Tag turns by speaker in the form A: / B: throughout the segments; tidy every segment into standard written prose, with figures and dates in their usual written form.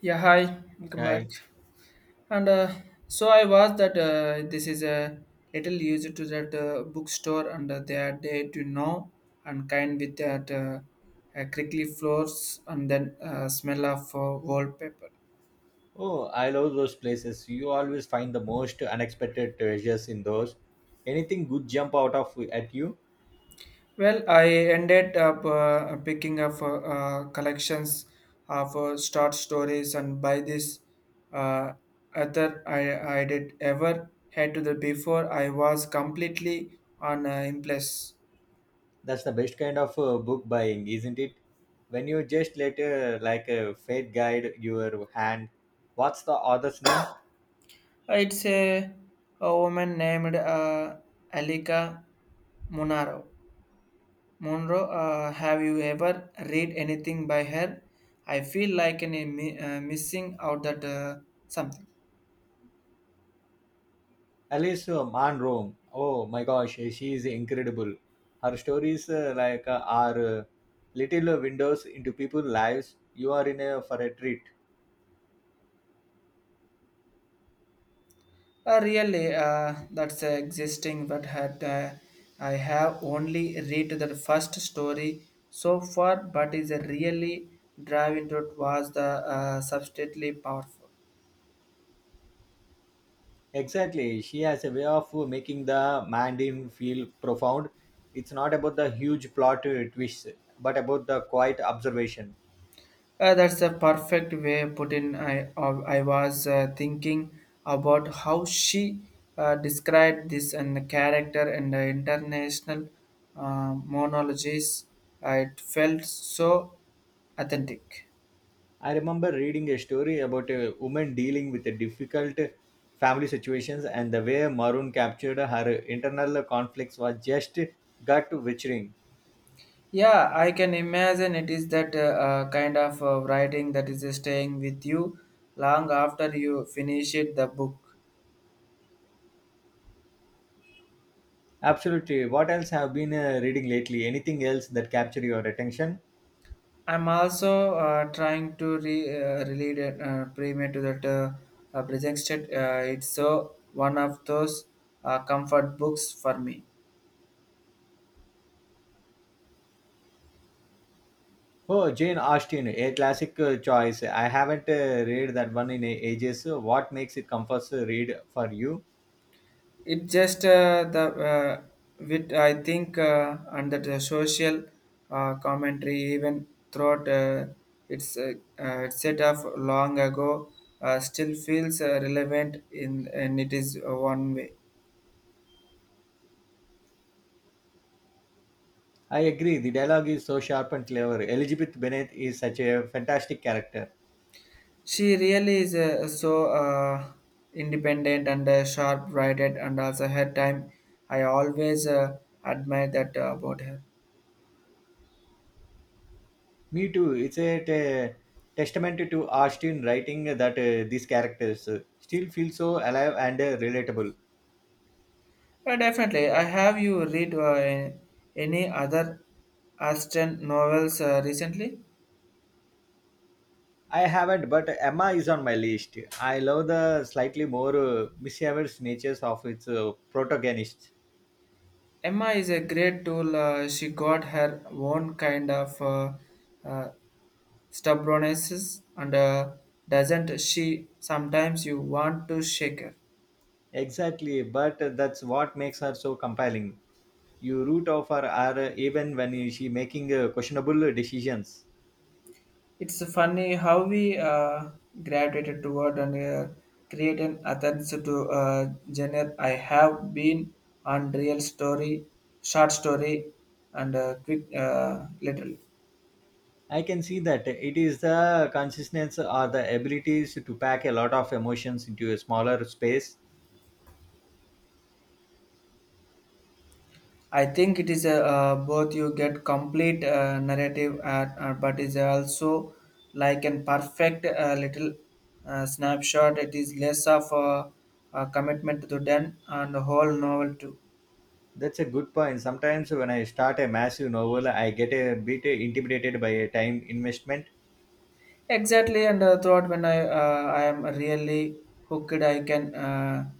A: Yeah, hi, welcome back.
B: Hi!
A: And so I was that this is a little used to that bookstore, and they are there to know and kind with that crickly floors and then smell of wallpaper.
B: Oh, I love those places. You always find the most unexpected treasures in those. Anything good jump out of at you?
A: Well, I ended up picking up collections of short stories, and by this uh, other I did ever had to the before I was completely on in place.
B: That's the best kind of book buying, isn't it? When you just let like a fate guide your hand. What's the author's name?
A: It's a, a woman named Alika Munaro. Monroe, have you ever read anything by her? I feel like an, missing out that something.
B: Alice Munro. Oh my gosh, she is incredible. Her stories are little windows into people's lives. You are in a for a treat.
A: Really, that's existing, but I have only read the first story so far, but is a really drive into it was the substantially powerful.
B: Exactly. She has a way of making the Mandarin feel profound. It's not about the huge plot twists, but about the quiet observation.
A: That's a perfect way put in. I was thinking about how she described this and the character and the international monologies. It felt so authentic.
B: I remember reading a story about a woman dealing with a difficult family situations and the way Maroon captured her internal conflicts was just gut wrenching.
A: Yeah, I can imagine it is that kind of writing that is staying with you long after you finish it, the book.
B: Absolutely. What else have been reading lately? Anything else that capture your attention?
A: I'm also trying to relate it, premium to that presented. It's so one of those comfort books for me.
B: Oh, Jane Austen, a classic choice. I haven't read that one in ages. What makes it comforts read for you?
A: It just the uh, with I think under the social commentary even throughout its uh, its set up long ago still feels relevant in and it is one way.
B: I agree. The dialogue is so sharp and clever. Elizabeth Bennet is such a fantastic character.
A: She really is so independent and sharp-witted, and also her time. I always admire that about her.
B: Me too. It's a testament to Austen writing that these characters still feel so alive and relatable.
A: Definitely, I have you read any other Austen novels recently.
B: I haven't, but Emma is on my list. I love the slightly more mischievous natures of its protagonists.
A: Emma is a great tool. She got her own kind of uh, stubbornness, and doesn't she? Sometimes you want to shake her.
B: Exactly, but that's what makes her so compelling. You root of her are even when she making questionable decisions.
A: It's funny how we graduated toward and create an attempts to genre. I have been on real story, short story, and quick little.
B: I can see that it is the consistency or the abilities to pack a lot of emotions into a smaller space.
A: I think it is both you get complete narrative, but is also like an perfect little snapshot. It is less of a commitment to then and the whole novel too.
B: That's a good point. Sometimes when I start a massive novel, I get a bit intimidated by a time investment.
A: Exactly, and throughout when I am really hooked, I can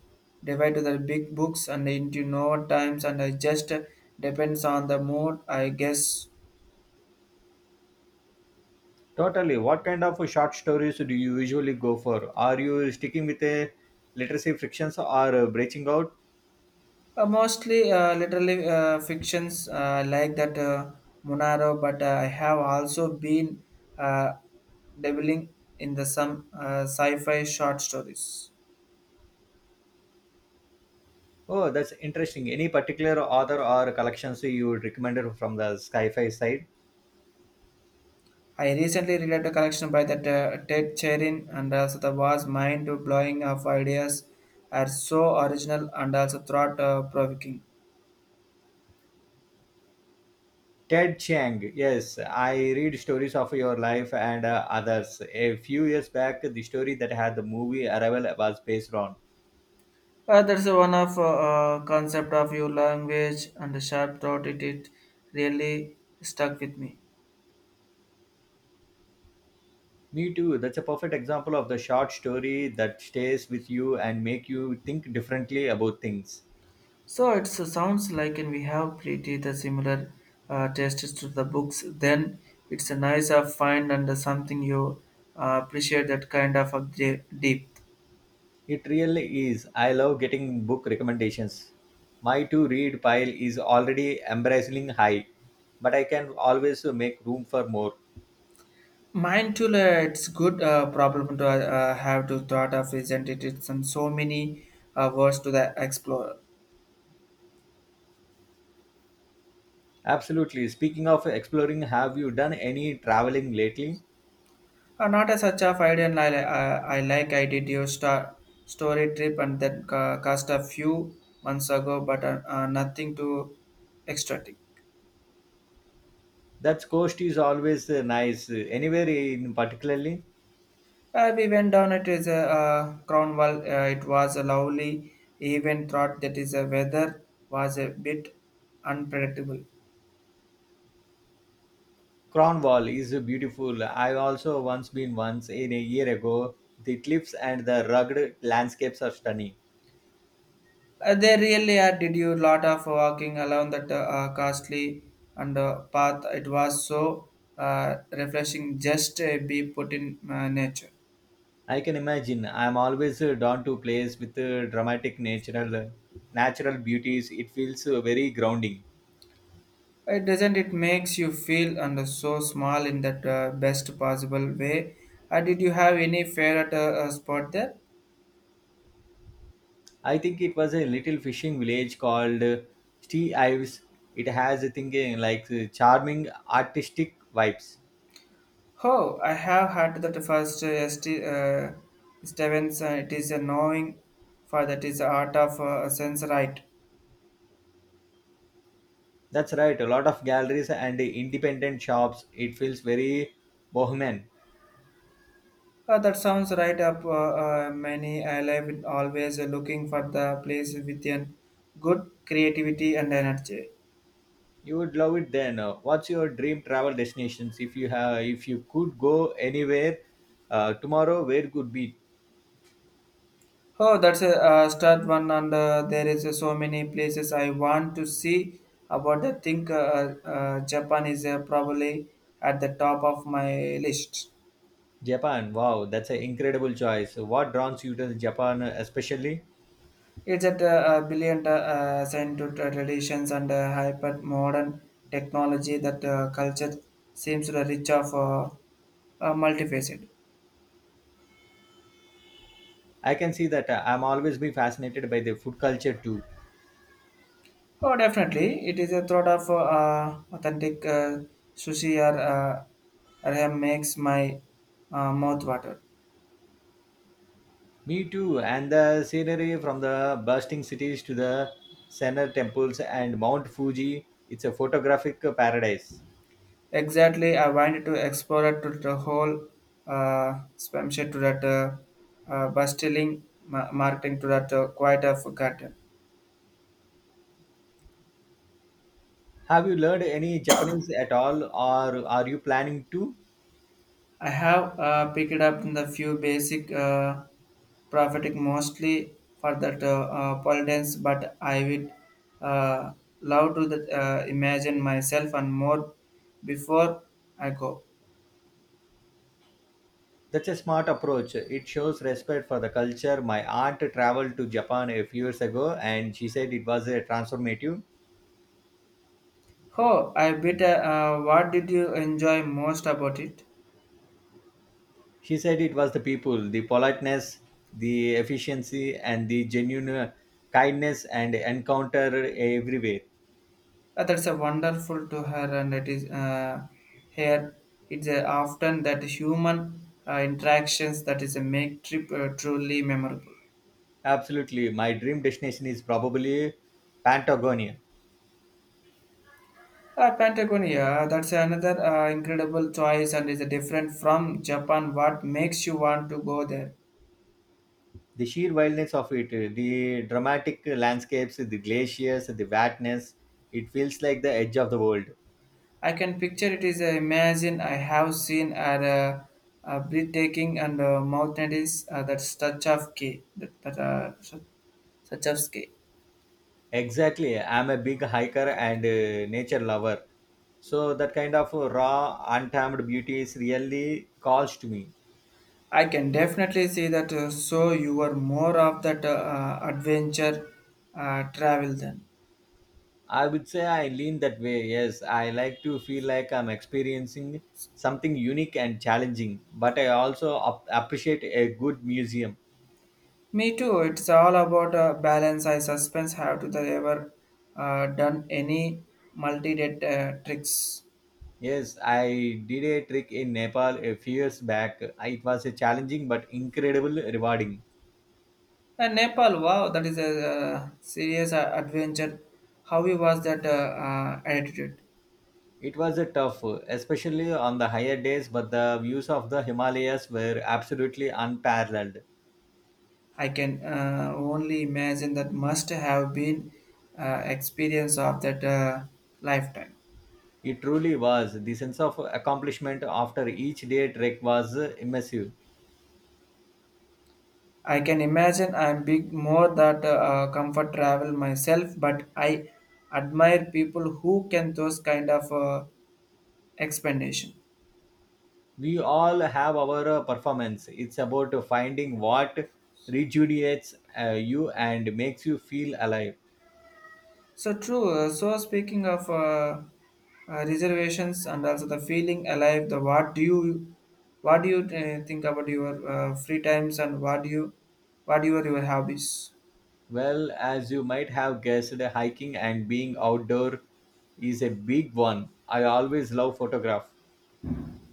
A: divide to the big books and into no times, and I just depends on the mood, I guess.
B: Totally. What kind of short stories do you usually go for? Are you sticking with a literacy frictions or branching out?
A: Mostly, literally fictions like that Monaro, but I have also been uh, dabbling in the some sci-fi short stories.
B: Oh, that's interesting. Any particular author or collections you would recommend from the sci-fi side?
A: I recently read a collection by that Ted Chirin and also the was mind-blowing of ideas are so original and also thought-provoking.
B: Ted Chiang. Yes, I read stories of your life and others. A few years back, the story that had the movie Arrival was based on.
A: That's one of concept of your language and the sharp thought it really stuck with me.
B: Me too. That's a perfect example of the short story that stays with you and make you think differently about things.
A: So it so sounds like and we have pretty the similar tastes to the books. Then it's a nice of find and something you appreciate that kind of a deep.
B: It really is. I love getting book recommendations. My to-read pile is already embracing high, but I can always make room for more.
A: Mindful, it's good problem to have to thought of, isn't it? It's in so many words to the explorer.
B: Absolutely. Speaking of exploring, have you done any traveling lately?
A: Not as such of idea, and I like I did your star, story trip and that cost a few months ago, but nothing to extract.
B: That coast is always nice. Anywhere in particularly,
A: We went down it is a Cornwall. It was a lovely even thought that is a weather was a bit unpredictable.
B: Cornwall is beautiful. I also once been once in a year ago. The cliffs and the rugged landscapes are stunning.
A: They really did you lot of walking along that costly and path. It was so refreshing just be put in nature.
B: I can imagine. I am always drawn to place with dramatic natural beauties. It feels very grounding.
A: It doesn't. It makes you feel and so small in that best possible way. Did you have any favorite spot there?
B: I think it was a little fishing village called Tea Ives. It has a thing charming artistic vibes.
A: Oh, I have had that first Stevens. It is a knowing for that is the art of sense right.
B: That's right, a lot of galleries and independent shops. It feels very bohemian.
A: That sounds right up many. I live in always looking for the place with an good creativity and energy.
B: You would love it then. What's your dream travel destinations? If you have, if you could go anywhere tomorrow, where could be?
A: Oh, that's a start one, and there is so many places I want to see. About I think Japan is probably at the top of my list.
B: Japan. Wow, that's an incredible choice. What draws you to Japan, especially?
A: It's at brilliant sent to traditions and hyper modern technology that culture seems to rich of multifaceted.
B: I can see that. I'm always been fascinated by the food culture too.
A: Oh, definitely. It is a thought of authentic sushi or ramen makes my mouth water.
B: Me too. And the scenery from the bursting cities to the Senna temples and Mount Fuji, it's a photographic paradise.
A: Exactly, I wanted to explore it to the whole spam shit to that bustling marketing to that quite of garden.
B: Have you learned any Japanese at all or are you planning to?
A: I have picked up in the few basic prophetic mostly for that pole dance, but I would uh, love to that, imagine myself and more before I go.
B: That's a smart approach. It shows respect for the culture. My aunt traveled to Japan a few years ago and she said it was a transformative.
A: Oh, I bet. What did you enjoy most about it?
B: She said it was the people, the politeness, the efficiency, and the genuine kindness and encounter everywhere.
A: That's a wonderful to her, and it is here. It's often that human interactions that is a make trip truly memorable.
B: Absolutely. My dream destination is probably Patagonia.
A: Patagonia, that's another incredible choice and is different from Japan. What makes you want to go there?
B: The sheer wildness of it, the dramatic landscapes, the glaciers, the wetness, it feels like the edge of the world.
A: I can picture it is a imagine I have seen a breathtaking and mountainous that's touch of key that such of ski.
B: Exactly. I'm a big hiker and nature lover. So that kind of raw, untamed beauty is really calls to me.
A: I can definitely see that. So you are more of that adventure travel then.
B: I would say I lean that way. Yes, I like to feel like I'm experiencing something unique and challenging, but I also appreciate a good museum.
A: Me too. It's all about balance. I suspense have to the ever done any multi-date tricks.
B: Yes, I did a trick in Nepal a few years back. It was a challenging but incredible rewarding.
A: And Nepal, wow, that is a serious adventure. How he was that attitude?
B: It was a tough, especially on the higher days, but the views of the Himalayas were absolutely unparalleled.
A: I can only imagine that must have been experience of that lifetime.
B: It truly was. The sense of accomplishment after each day trek was immersive.
A: I can imagine I'm big more that comfort travel myself, but I admire people who can those kind of. Explanation.
B: We all have our performance. It's about finding what rejuvenates you and makes you feel alive.
A: So true. So speaking of reservations and also the feeling alive, the what do you think about your free times and what do you are your hobbies?
B: Well, as you might have guessed, hiking and being outdoor is a big one. I always love photograph.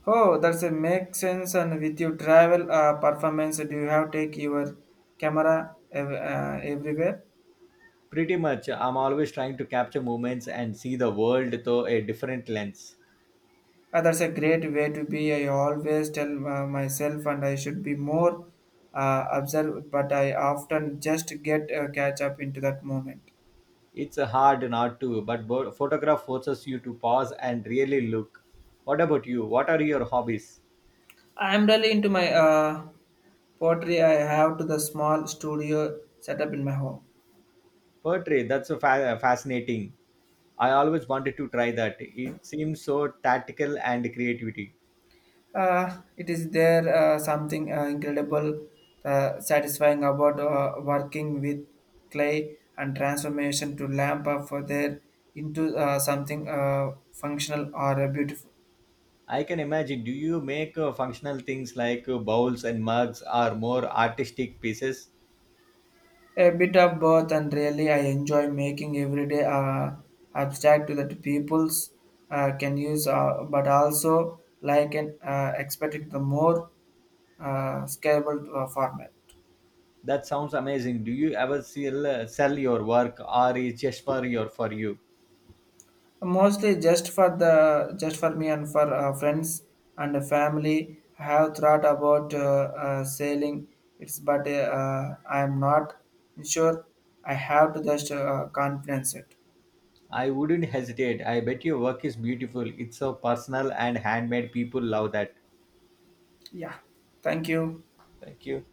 A: Oh, that's a make sense. And with your travel performance, do you have take your camera everywhere?
B: Pretty much, I'm always trying to capture moments and see the world through a different lens.
A: That's a great way to be. I always tell myself, and I should be more observed, but I often just get catch up into that moment.
B: It's hard not to, but photograph forces you to pause and really look. What about you? What are your hobbies?
A: I am really into my pottery. I have to the small studio set up in my home.
B: Poetry, that's fascinating. I always wanted to try that. It seems so tactical and creativity.
A: It is there something incredible, satisfying about working with clay and transformation to lamp up for there into something functional or beautiful.
B: I can imagine. Do you make functional things like bowls and mugs, or more artistic pieces?
A: A bit of both, and really, I enjoy making everyday abstract that peoples can use, but also like and expecting the more scalable format.
B: That sounds amazing. Do you ever sell, sell your work or is just for you?
A: Mostly just for the just for me and for friends and the family. I have thought about sailing. It's but I am not sure. I have to just confidence it.
B: I wouldn't hesitate. I bet your work is beautiful. It's so personal and handmade. People love that.
A: Yeah. Thank you.
B: Thank you.